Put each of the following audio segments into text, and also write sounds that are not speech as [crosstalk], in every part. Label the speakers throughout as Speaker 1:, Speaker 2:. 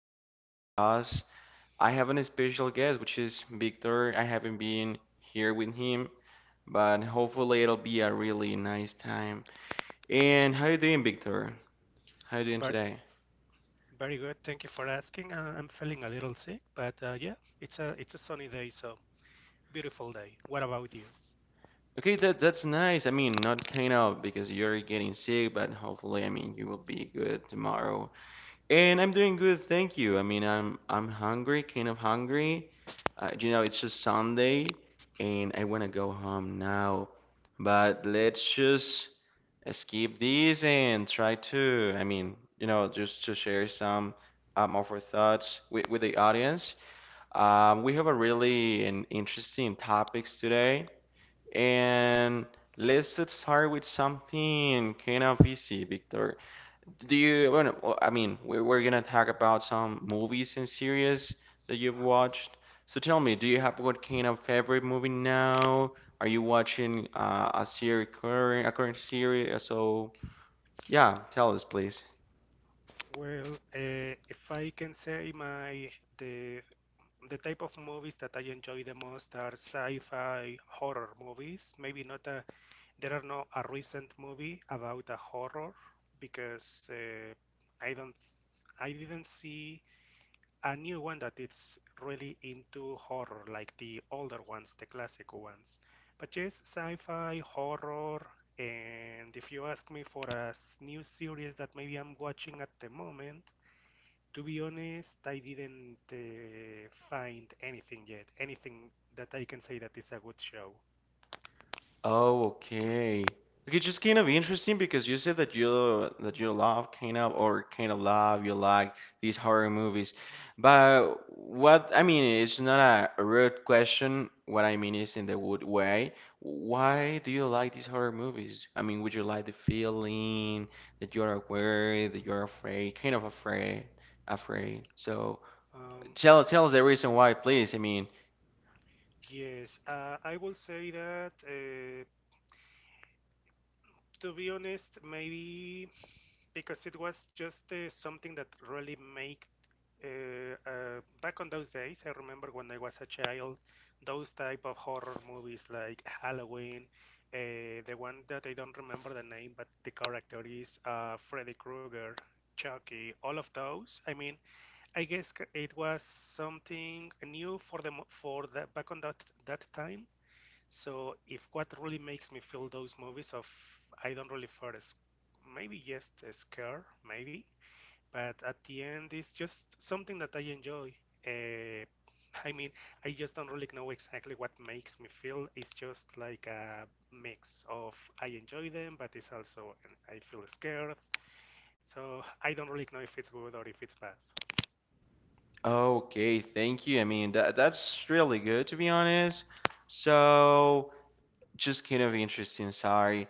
Speaker 1: being here with us. I have an special guest, which is Victor. I haven't been here with him, but hopefully it'll be a really nice time. And how you doing, Victor? How you doing
Speaker 2: But
Speaker 1: today?
Speaker 2: Very good. Thank you for asking. I'm feeling a little sick, but yeah, it's a sunny day, so beautiful day. What about you?
Speaker 1: Okay, that's nice. I mean, not kind of because you're getting sick, but hopefully, I mean, you will be good tomorrow. And I'm doing good, thank you. I mean, I'm hungry, kind of hungry. It's just Sunday, and I want to go home now. But let's just skip this and try to, I mean, just to share some of our thoughts with the audience. We have a really an interesting topics today, and let's start with something kind of easy, Victor. Do you, well, no, I mean, we're gonna talk about some movies and series that you've
Speaker 2: Uh-huh.
Speaker 1: watched. So tell me, do you have what kind of favorite movie now? Are you watching a series, a current series? So yeah, tell us, please.
Speaker 2: Well, if I can say my the the type of movies that I enjoy the most are sci-fi horror movies. Maybe not a there are no a recent movie about a horror because I don't I didn't see a new one that it's really into horror, like the older ones, the classic ones. But yes, sci-fi, horror, and if you ask me for a new series that maybe I'm watching at the moment, to be honest, I didn't find anything yet, anything that I can say that is a good show.
Speaker 1: Oh, okay. Okay, just kind of interesting because you said that you love kind of or kind of love you like these horror movies. But what I mean, it's not a rude question. What I mean is in the wood way. Why do you like these horror movies? I mean, would you like the feeling that you are aware, that you are afraid, kind of afraid. So
Speaker 2: Um,
Speaker 1: tell us the reason why, please. I mean.
Speaker 2: yes, I will say that, to be honest, maybe because it was just something that really make back on those days, I remember when I was a child, those type of horror movies like Halloween. The one that I don't remember the name, but the character is Freddy Krueger, Chucky. All of those. I mean, it was something new for the for that back on that time. So if what really makes me feel those movies of I don't really feel as maybe just a scare, maybe but at the end, it's just something that I enjoy. Uh, I mean, I just don't really know exactly what makes me feel. It's just like a mix of I enjoy them, but it's also I feel scared. So I don't really know if it's good or if it's bad.
Speaker 1: Okay, thank you. I mean, that's really good to be honest. So, just kind of interesting, sorry.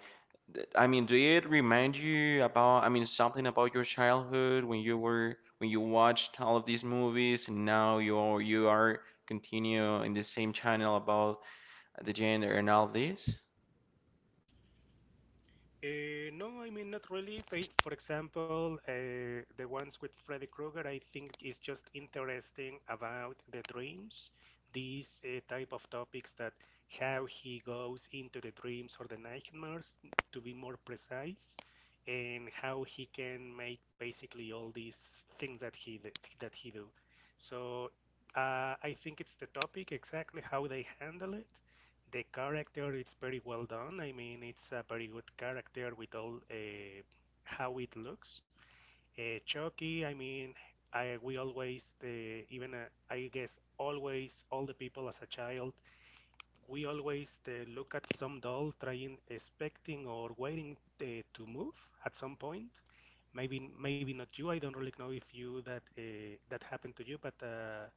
Speaker 1: I mean, do it remind you about, I mean, something about your childhood when you were when you watched all of these movies and now you are continue in the same channel about the gender and all of this?
Speaker 2: No, I mean not really. I, for example, the ones with Freddy Krueger, I think is just interesting about the dreams, these type of topics that how he goes into the dreams or the nightmares, to be more precise, and how he can make basically all these things that he do. So I think it's the topic exactly how they handle it the character it's very well done. I mean, it's a very good character with all how it looks. Chucky, I mean, I guess always all the people as a child we always look at some doll trying expecting or waiting uh, to move at some point maybe not you, I don't really know if you that that happened to you but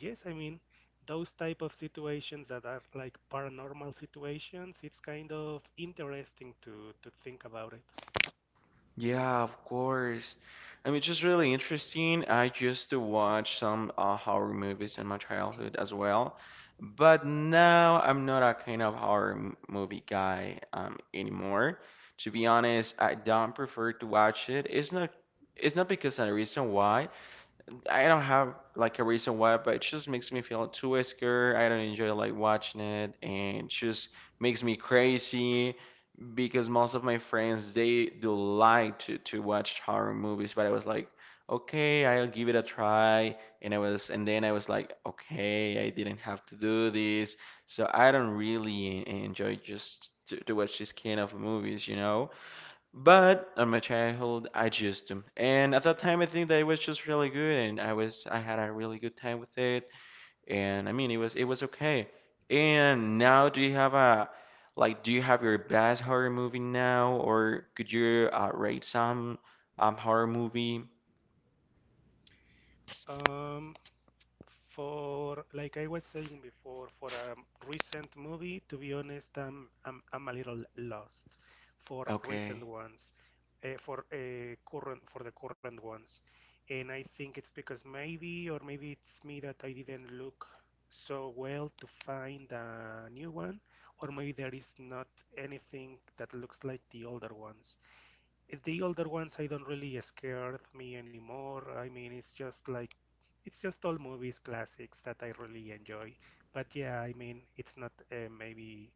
Speaker 2: yes, I mean those type of situations that are like paranormal situations, it's kind of interesting to think about it.
Speaker 1: Yeah, of course. I mean, it's just really interesting. I used to watch some horror movies in my childhood as well, but now I'm not a kind of movie guy anymore. To be honest, I don't prefer to watch it. It's not. It's not because of the reason why. I don't have like a reason why, but it just makes me feel too scared. I don't enjoy like watching it, and it just makes me crazy because most of my friends they do like to watch horror movies, but I was like, okay, I'll give it a try, and then I was like, okay, I didn't have to do this, so I don't really enjoy just to watch this kind of movies. But on my childhood, I just do, and at that time, I think that it was just really good, and I had a really good time with it, and I mean it was okay. And now do you have a like do you have your best horror movie now or could you rate some horror movie?
Speaker 2: um For like I was saying before, for a recent movie, to be honest, I'm a little lost for recent
Speaker 1: Okay.
Speaker 2: ones, for the current ones, and I think it's because maybe or maybe it's me that I didn't look so well to find a new one, or maybe there is not anything that looks like the older ones. The older ones I don't really scared me anymore. I mean, it's just like it's just all movies classics that I really enjoy. But yeah, I mean, it's not maybe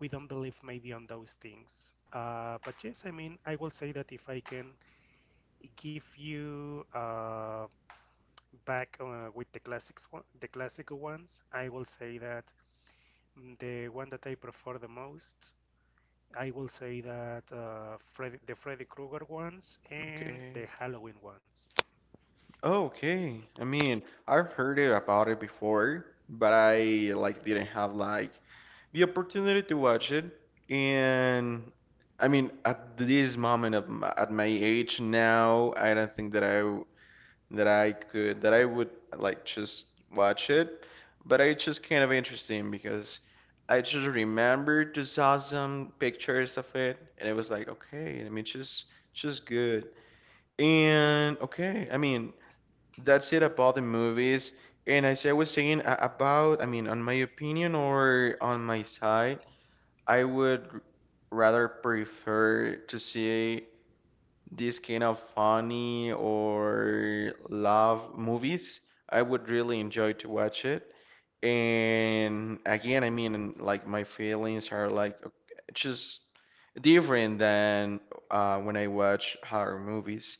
Speaker 2: we don't believe maybe on those things. But yes, I mean, I will say that if I can give you back with the classics, one, the classic ones, I will say that the one that I prefer the most, I will say that the Freddy Krueger ones and
Speaker 1: Okay.
Speaker 2: the Halloween ones.
Speaker 1: Oh, okay. I mean, I've heard it about it before, but I like didn't have like the opportunity to watch it. And I mean, at this moment of at my age now, I don't think that I would like just watch it, but I just kind of interesting because I just remembered to saw some pictures of it, and it was like okay, I mean just good. And okay, I mean that's it about the movies. And as I was saying about, I mean, on my opinion or on my side, I would rather prefer to see these kind of funny or love movies, I would really enjoy to watch it. And again, I mean, like my feelings are like just different than when I watch horror movies.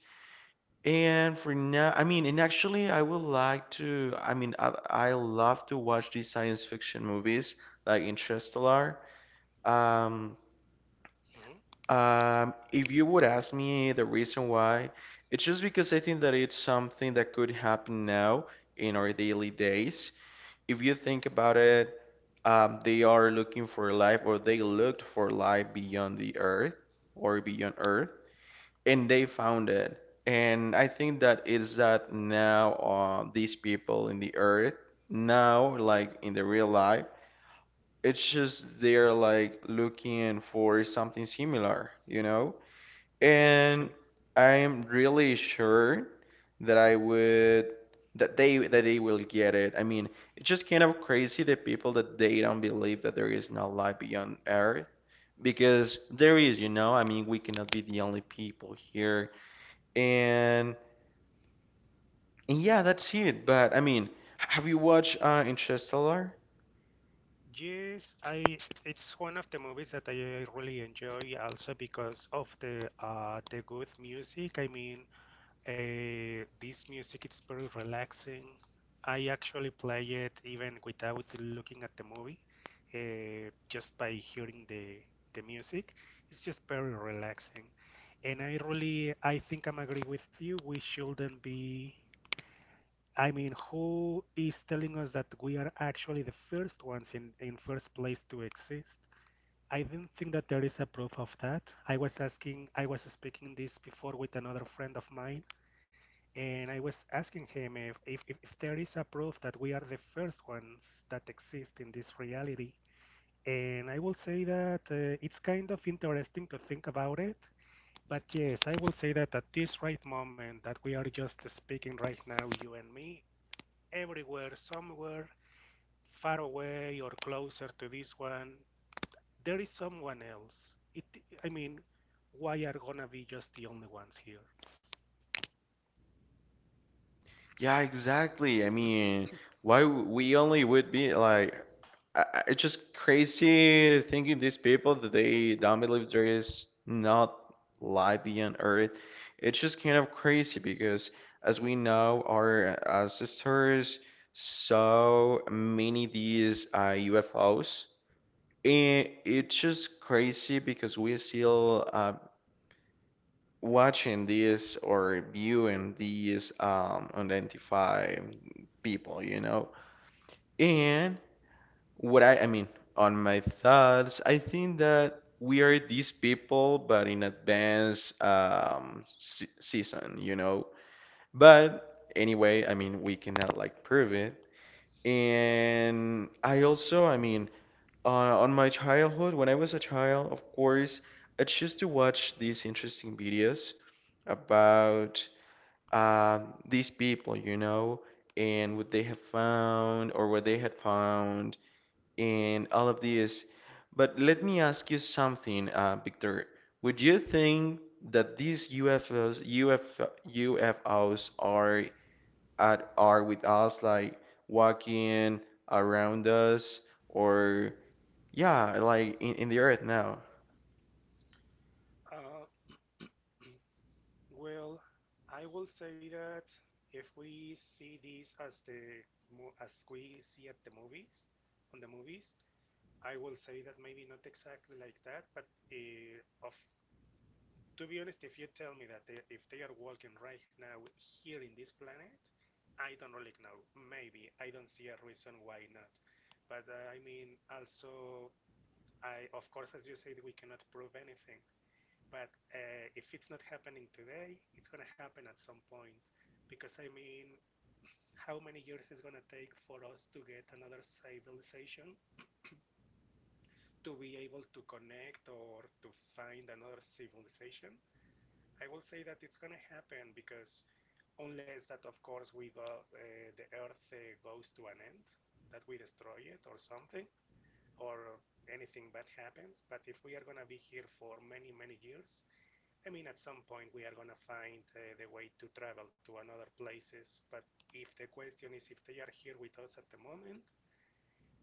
Speaker 1: And for now, I mean, and actually, I would like to. I mean, I love to watch these science fiction movies like Interstellar. Um,
Speaker 2: Hmm.
Speaker 1: if you would ask me the reason why, it's just because I think that it's something that could happen now in our daily days. If you think about it, they are looking for life, or they looked for life beyond the earth or beyond earth, and they found it. And I think that is that now, these people in the earth, now, like in the real life, it's just they're like looking for something similar, you know? And
Speaker 2: Okay.
Speaker 1: I'm really sure that I would that they will get it. I mean, it's just kind of crazy the people that they don't believe that there is no life beyond Earth because there is, you know. I mean, we cannot be the only people here. And, and yeah, that's it. But I mean, have you watched Interstellar?
Speaker 2: Yes, I it's one of the movies that I really enjoy also because of the good music. I mean, this music it's very relaxing. I actually play it even without looking at the movie, just by hearing the music. It's just very relaxing. And I really, I think I'm agree with you. We shouldn't be. I mean, who is telling us that we are actually the first ones in first place to exist? I do not think that there is a proof of that. I was asking, I was speaking this before with another friend of mine, and I was asking him if there is a proof that we are the first ones that exist in this reality. And I will say that it's kind of interesting to think about it. But yes, I will say that at this right moment that we are just speaking right now, you and me, everywhere, somewhere, far away or closer to this one, there is someone else. It, I mean, why are gonna be just the only ones here?
Speaker 1: Yeah, exactly. I mean, why we only would be like, it's just crazy thinking these people that they don't believe there is not life beyond Earth. It's just kind of crazy because, as we know, our ancestors saw many these UFOs, and it's just crazy because we still watching these or viewing these unidentified people, you know. And
Speaker 2: Mhm.
Speaker 1: what I mean, on my thoughts, I think that we are these people but in advance se season, you know. But anyway, I mean, we cannot like prove it.
Speaker 2: Right.
Speaker 1: And I also, I mean, uh, on my childhood, when I was a child, of course, I used to watch these interesting videos about these people, you know, and what they have found or what they had found, and all of this. But let me ask you something, Victor. Would you think that these UFOs are are with us, like walking around us, or yeah, like in the earth now?
Speaker 2: Uh, well, I will say that if we see this as the as we see at the movies, on the movies, I will say that maybe not exactly like that, but of to be honest, if you tell me that they, if they are walking right now here in this planet, I don't really know. Maybe I don't see a reason why not. But I mean, also, I of course, as you said, we cannot prove anything. But if it's not happening today, it's going to happen at some point. Because I mean, how many years is going to take for us to get another civilization to be able to connect or to find another civilization? I will say that it's going to happen because unless that, of course, we go, the Earth goes to an end, that we destroy it or something, or anything bad happens. But if we are going to be here for many, many years, I mean, at some point we are going to find the way to travel to another places, but if the question is if they are here with us at the moment,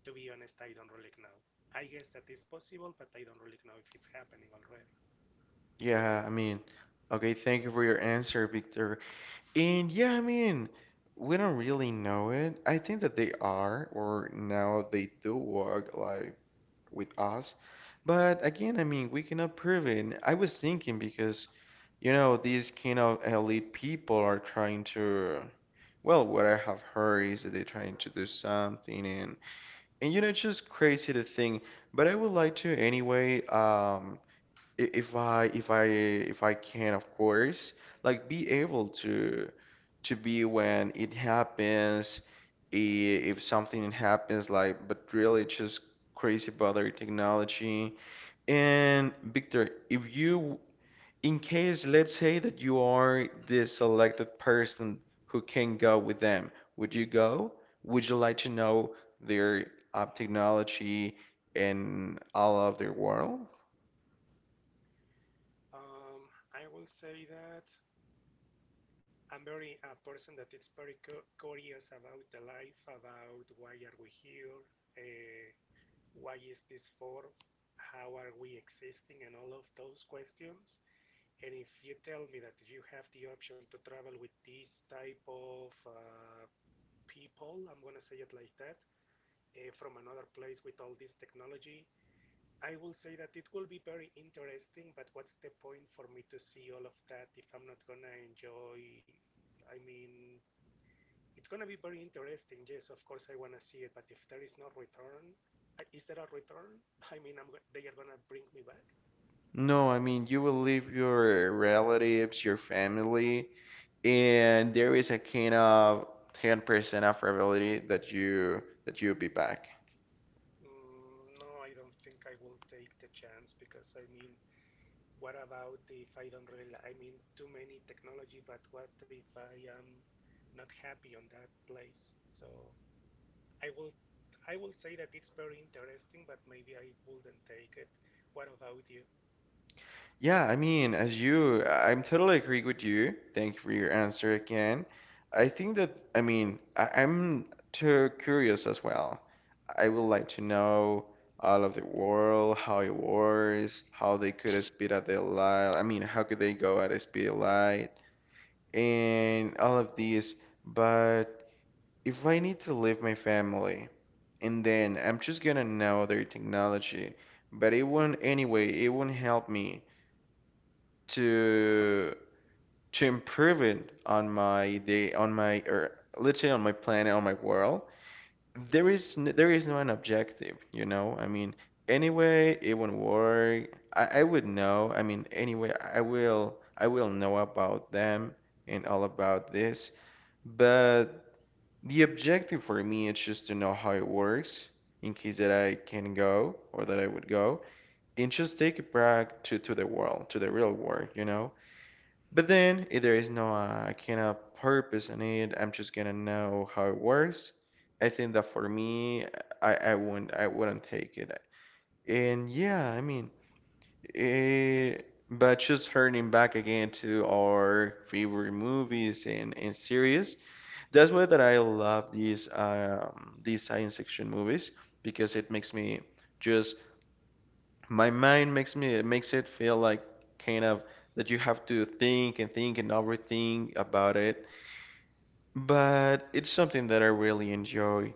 Speaker 2: to be honest, I don't really know. I guess that is possible, but I don't really know if it's happening already.
Speaker 1: Yeah, I mean, okay, thank you for your answer, Victor. And yeah, I mean, we don't really know it. I think that they are, or now they do work like with us.
Speaker 2: Mhm.
Speaker 1: But again, I mean, we cannot prove it. I was thinking because, you know, these kind of elite people are trying to, well, what I have heard is that they're trying to do something, and you know, it's just crazy to think. But I would like to anyway, I- if I if I if I can, of course, like be able to be when it happens, if something happens, like but really just crazy about their technology. And Victor, if you in case let's say that you are the selected person who can go with them, would you go? Would you like to know their technology and all of their world?
Speaker 2: I will say that I'm very a person that is very curious about the life, about why are we here, uh, why is this for, how are we existing, and all of those questions. And if you tell me that you have the option to travel with this type of people, I'm going to say it like that, from another place with all this technology, I will say that it will be very interesting, but what's the point for me to see all of that if I'm not going to enjoy? I mean, it's going to be very interesting. Yes, of course, I want to see it, but if there is no return, is there a return? [laughs] I mean, I'm, they are going to bring me back?
Speaker 1: No, I mean, you will leave your relatives, your family, and there is a kind of 10% of probability that you'll be back.
Speaker 2: Mm, no, I don't think I will take the chance because I mean, what about if I don't really, I mean, too many technology, but what if I am not happy on that place? So I will, I will say that it's very interesting, but maybe I wouldn't take it. What about you?
Speaker 1: Yeah, I mean, as you, I'm totally agree with you. Thank you for your answer again. I think that, I mean, I'm too curious as well. I would like to know all of the world, how it works, how they could speed at the light. I mean, how could they go at a speed of light? And all of these, but if I need to leave my family, and then I'm just gonna know their technology, but it won't anyway, it won't help me to to improve it on my day on my or let's say on my planet, on my world.
Speaker 2: Mhm,
Speaker 1: There is no an objective, you know? I mean, anyway, it won't work. I would know. I mean, anyway, I will know about them and all about this. But the objective for me is just to know how it works in case that I can go or that I would go and just take it back to the world, to the real world, you know? But
Speaker 2: mhm.
Speaker 1: then if there is no, I cannot purpose in it, I'm just gonna know how it works. I think that for me, I wouldn't take it. And yeah, I mean, eh, but just turning back again to our favorite movies and series. That's why that I love these science fiction movies because it makes me just my mind makes it feel like kind of that you have to think and overthink about it. But it's something that I really enjoy.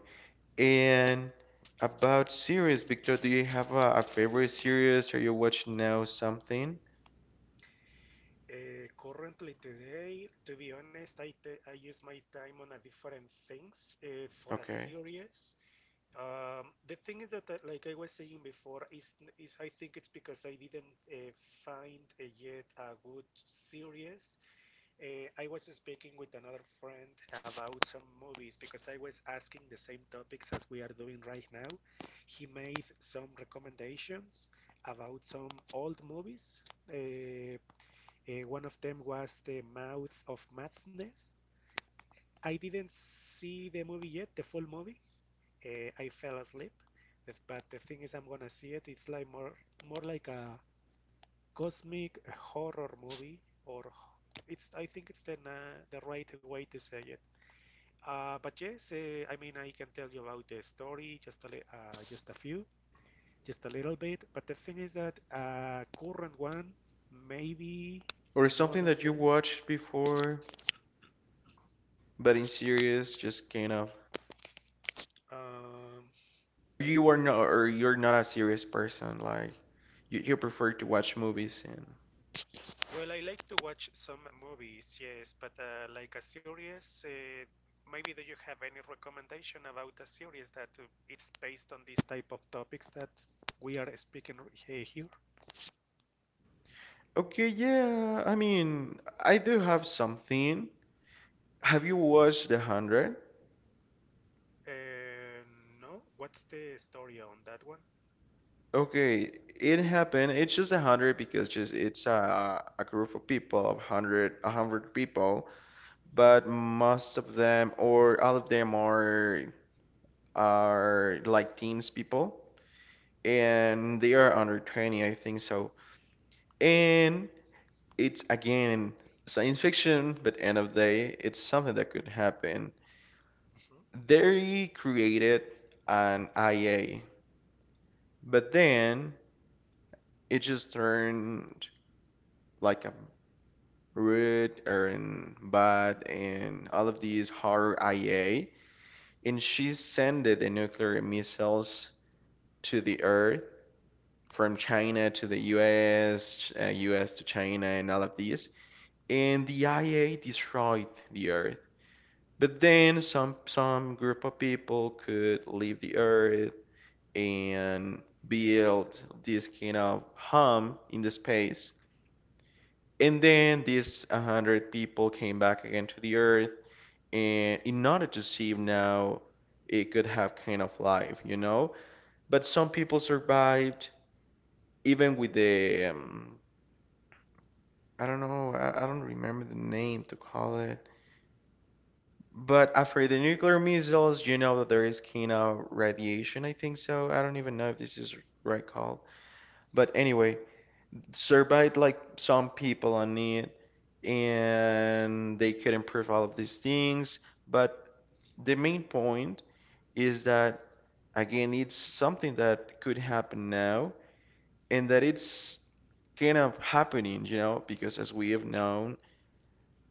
Speaker 1: And about series, Victor, do you have a favorite series? Are you watching now something?
Speaker 2: Currently today, to be honest, I use my time on a different things. For a
Speaker 1: Okay.
Speaker 2: series, the thing is that, like I was saying before, is I think it's because I didn't find yet a good series. I was speaking with another friend about some movies because I was asking the same topics as we are doing right now. He made some recommendations about some old movies. Uh, one of them was The Mouth of Madness. I didn't see the movie yet, the full movie I fell asleep. But the thing is, I'm gonna see it. It's like more like a cosmic horror movie, or it's I think it's the the right way to say it. But yes, I mean I can tell you about the story just a just a few, just a little bit. But the thing is that current one maybe
Speaker 1: Or
Speaker 2: no,
Speaker 1: something
Speaker 2: not
Speaker 1: that you
Speaker 2: really.
Speaker 1: watched before, but in series, just kind of
Speaker 2: Um,
Speaker 1: you are not or you're not a serious person like you prefer to watch movies and
Speaker 2: Well, I like to watch some movies, yes, but like a series, maybe do you have any recommendation about a series that it's based on these type of topics that we are speaking here?
Speaker 1: okay, yeah, I mean, I do have something. Have you watched The Hundred?
Speaker 2: Uh, no, what's the story on that one?
Speaker 1: Okay, it happened. It's just a hundred because just it's a group of people of hundred, a hundred people, but most of them or all of them are like teens people, and they are under 20, I think so. And it's again science fiction, but end of the day, it's something that could happen.
Speaker 2: Mhm.
Speaker 1: They created an IA, but then it just turned like a rude and bad and all of these horror IA, and she sent the nuclear missiles to the Earth from China to the US, US to China, and all of these. And the IA destroyed the Earth. But then some group of people could leave the Earth and build this kind of home in the space. And then these 100 people came back again to the Earth and in order to see if now it could have kind of life, you know? But
Speaker 2: Uh-huh.
Speaker 1: some people survived even with the I don't know, I don't remember the name to call it. But after the nuclear missiles, you know that there is kino radiation, I think so. I don't even know if this is right called. But anyway, survived like some people on it, and they could improve all of these things. But the main point is that, again, it's
Speaker 2: Mm,
Speaker 1: something that could happen now, and that it's kind of happening, you know, because as we have known,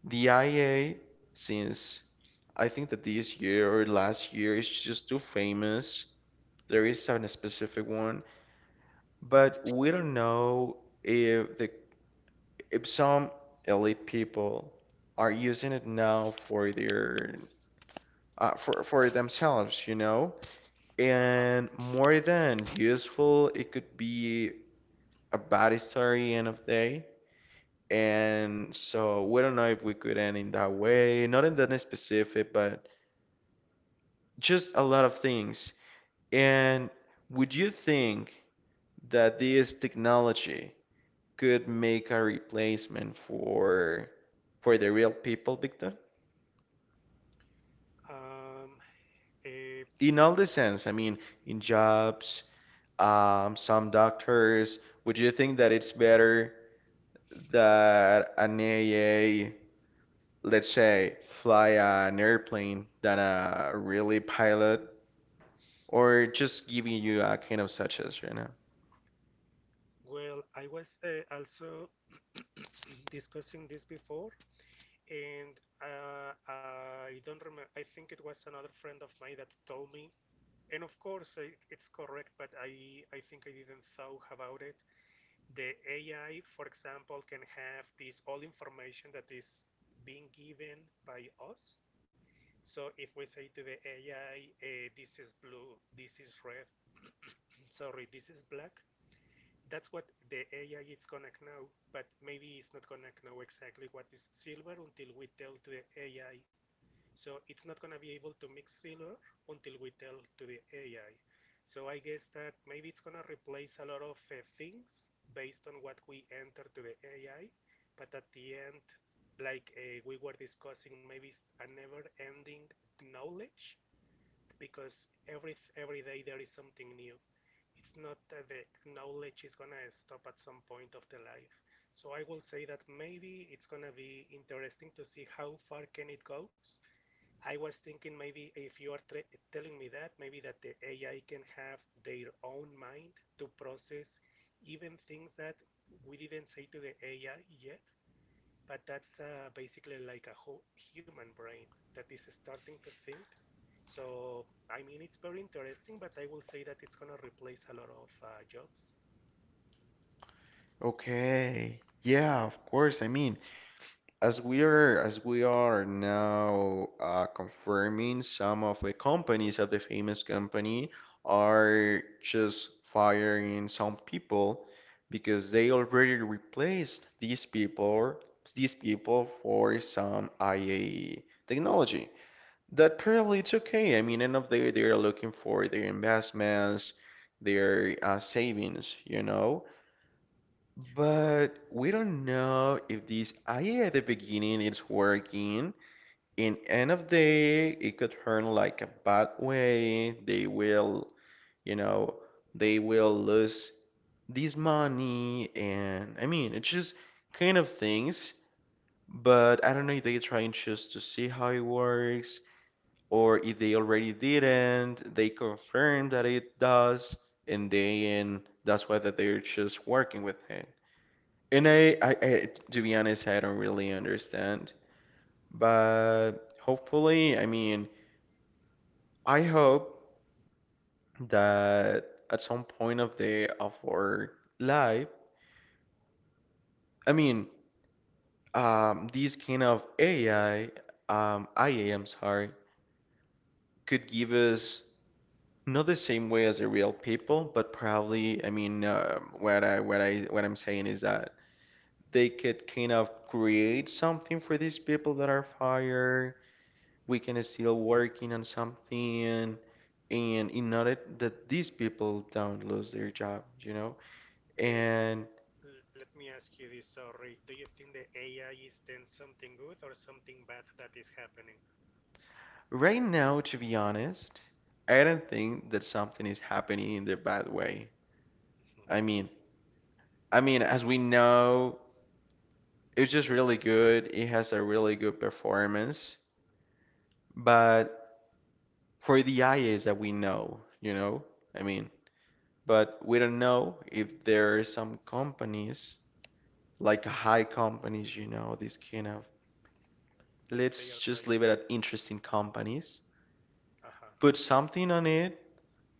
Speaker 1: the IA, since I think that this year or last year is just too famous. There is a specific one, but we don't know if the if some elite people are using it now for their for themselves, you know?
Speaker 2: uh-huh.
Speaker 1: And more than useful, it could be a bad story end of day. And so we don't know if we could end in that way, not in that specific, but just a lot of things. And would you think that this technology could make a replacement for the real people, Victor?
Speaker 2: Um, eh,
Speaker 1: In all the sense, I mean, in jobs, some doctors, would you think that it's better that an AA, let's say, fly an airplane than a really pilot? Or just giving you a kind of such as right now?
Speaker 2: well, I was also [clears throat] [coughs] discussing this before, and I don't remember. I think it was another friend of mine that told me, and of course it, it's correct, but I think I didn't thought about it. The AI, for example, can have this all information that is being given by us. So if we say to the AI, this is blue, this is red, sorry, this is black, that's what the AI is gonna know, but maybe it's not gonna know exactly what is silver until we tell to the AI, so it's not going to be able to mix Silver until we tell to the AI. So I guess that maybe it's going to replace a lot of things based on what we enter to the AI. But at the end, like we were discussing, maybe it's a never-ending knowledge because every day there is something new. It's not that the knowledge is going to stop at some point of the life. So I will say that maybe it's going to be interesting to see how far can it goes. I was thinking maybe if you are telling me that, maybe that the AI can have their own mind to process even things that we didn't say to the AI yet, but that's basically like a whole human brain that is starting to think. So, I mean, it's very interesting, but I will say that it's going to replace a lot of jobs.
Speaker 1: Okay, yeah, of course. I mean, as we are now confirming, some of the companies of the famous company are just firing some people because they already replaced these people for some IA technology. That probably it's okay. I mean, end of the day, they are looking for their investments, their savings, you know.
Speaker 2: Ro-
Speaker 1: But we don't know if this IA at the beginning is working. In end of day, it could turn like a bad way. They will, you know, they will lose this money, and I mean, it's just kind of things. But I don't know if they trying just to see how it works, or if they already didn't. They confirm that it does, and then that's why that they're just working with it. And I, I,
Speaker 2: uh,
Speaker 1: I, to be honest, I don't really understand. But hopefully, I mean, I hope that at some point of the of our life, I mean, these kind of AI, IA, I'm sorry, could give us not the same way as the real people, but probably, I mean, what I'm saying is that they could kind of create something for these people that are fired we can still working on something and in order that these people don't lose their job, you know?
Speaker 2: And
Speaker 1: And
Speaker 2: let me ask you this, sorry. Do you think the AI is then something good or something bad that is happening?
Speaker 1: right now, to be honest, I don't think that something is happening in the bad way. I
Speaker 2: Mm-hmm.
Speaker 1: mean, I mean, as we know, it's just really good. It has a really good performance, but for the IAs that we know, you know, I mean, but we don't know if there are some companies like high companies, you know, this kind of
Speaker 2: That they are
Speaker 1: let's just
Speaker 2: trying
Speaker 1: leave it
Speaker 2: to.
Speaker 1: at interesting companies.
Speaker 2: Aha,
Speaker 1: Put
Speaker 2: okay.
Speaker 1: something on it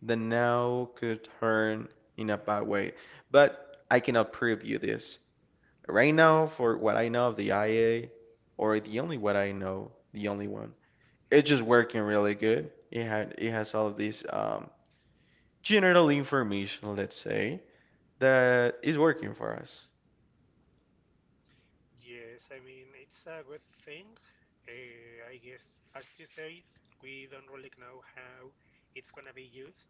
Speaker 1: that now could turn in a bad way. But I cannot prove you this. Right
Speaker 2: No, no.
Speaker 1: now, for what I know of the IA, or the only what I know, the only one, it's just working really good. It had it has all of this general information, let's say, that is working for us.
Speaker 2: Yes, I mean, it's a good thing. I guess, as you said, we don't really know how it's gonna be used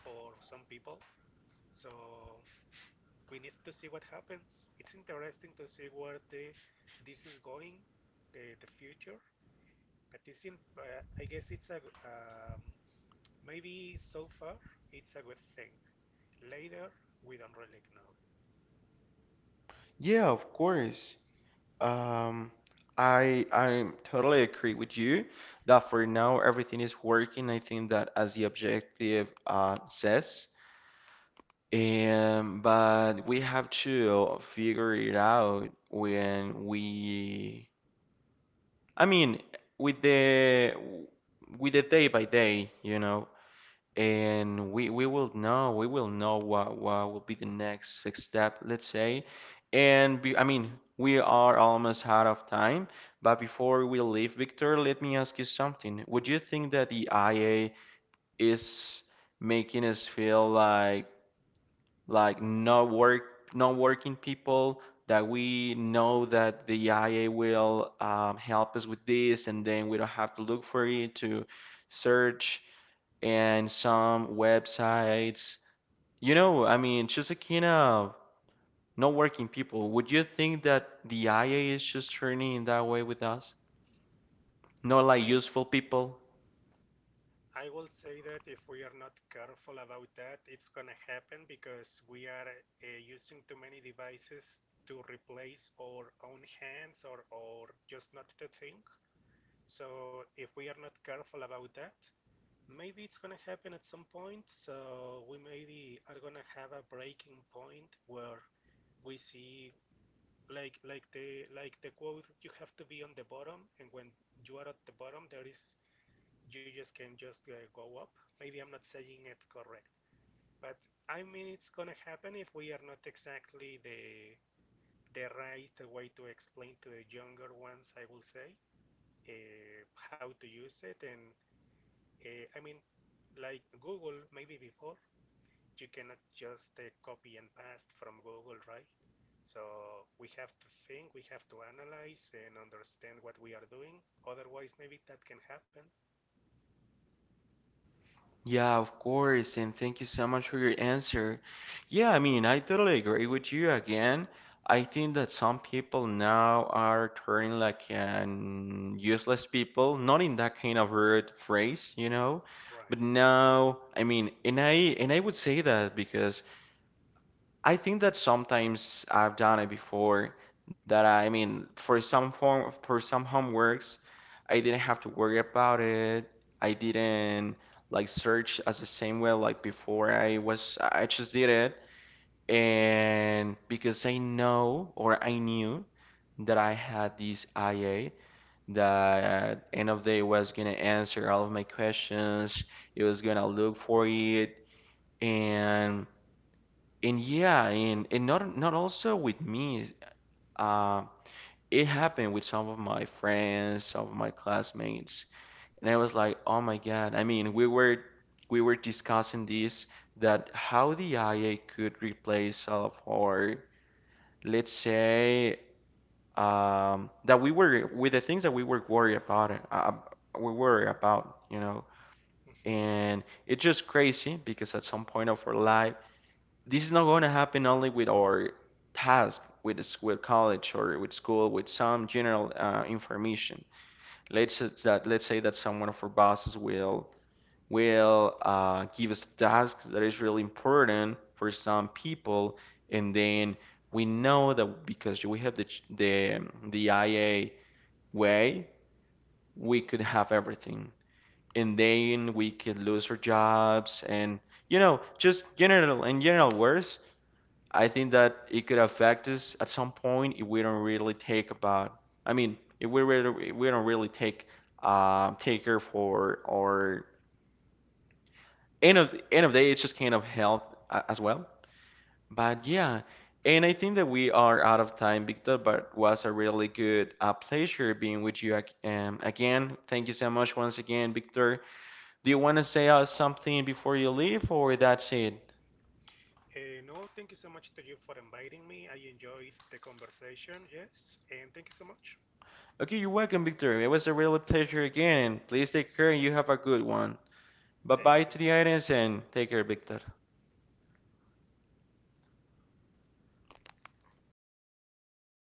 Speaker 2: for some people. So we need to see what happens. It's interesting to see where the this is going, the future. But it's in, I guess it's a um, maybe so far it's a good thing. Later we don't really know.
Speaker 1: Yeah, of course. Um, I totally agree with you that for now everything is working. I think that as the objective says, and but we have to figure it out when we. I mean, with the with the day by day, you know and we will know we will know what will be the next step, let's say. And be, I mean, we are almost out of time, but before we leave, Victor, let me ask you something. Would you think that the IA is making us feel like not work not working people that we know that the IA will help us with this, and then we don't have to look for it to search and some websites. You know, I mean, just a kind of not working people. Would you think that the IA is just turning in that way with us? Not like
Speaker 2: I
Speaker 1: useful people?
Speaker 2: I will say that if we are not careful about that, it's going to happen because we are using too many devices to replace our own hands, or just not to think. So if we are not careful about that, maybe it's going to happen at some point. So we maybe are going to have a breaking point where we see like the quote, you have to be on the bottom, and when you are at the bottom there is you just can just go up. Maybe I'm not saying it correct, but I mean it's gonna happen if we are not exactly the right way to explain to the younger ones, I will say, uh, how to use it. And I mean, like Google, maybe before you cannot just copy and paste from Google, right? So we have to think, we have to analyze and understand what we are doing. Otherwise, maybe that can happen,
Speaker 1: Yeah, of course, and thank you so much for your answer. Yeah, I mean, I totally agree with you again. I think that some people now are turning like an useless people, not in that kind of rude phrase, you know,
Speaker 2: right?
Speaker 1: but now, I mean, and I would say that because I think that sometimes I've done it before that I mean for some homeworks I didn't have to worry about it. I didn't like search as the same way like before I just did it and because I know or I knew that I had this IA that end of day was gonna answer all of my questions. It was gonna look for it and and yeah, and not also with me. Uh, it happened with some of my friends, some of my classmates, and I was like, oh my God. I mean, we were discussing this that how the IA could replace all of our, let's say, that we were with the things that we were worried about, we worry about, you know,
Speaker 2: Hmm.
Speaker 1: and it's just crazy because at some point of our life this is not going to happen only with our task with the with college or with school with some general information. Let's say that someone of our bosses will give us a task that is really important for some people, and then we know that because we have the the IA way, we could have everything, and then we could lose our jobs and you know just general and general words I think that it could affect us at some point if we don't really take about. I mean, if we really, we don't really take take care for our end of the day, it's just kind of health as well. But yeah,
Speaker 2: Hmm.
Speaker 1: and I think that we are out of time, Victor. But was a really good pleasure being with you again. Thank you so much once again, Victor. Do you want to say something before you leave, or that's it?
Speaker 2: No, thank you so much to you for inviting me. I enjoyed the conversation, yes, and thank you so much.
Speaker 1: Okay, you're welcome, Victor. It was a real pleasure again. Please take care and you have a good one. Bye
Speaker 2: Thank
Speaker 1: bye to
Speaker 2: you.
Speaker 1: the audience and take care, Victor.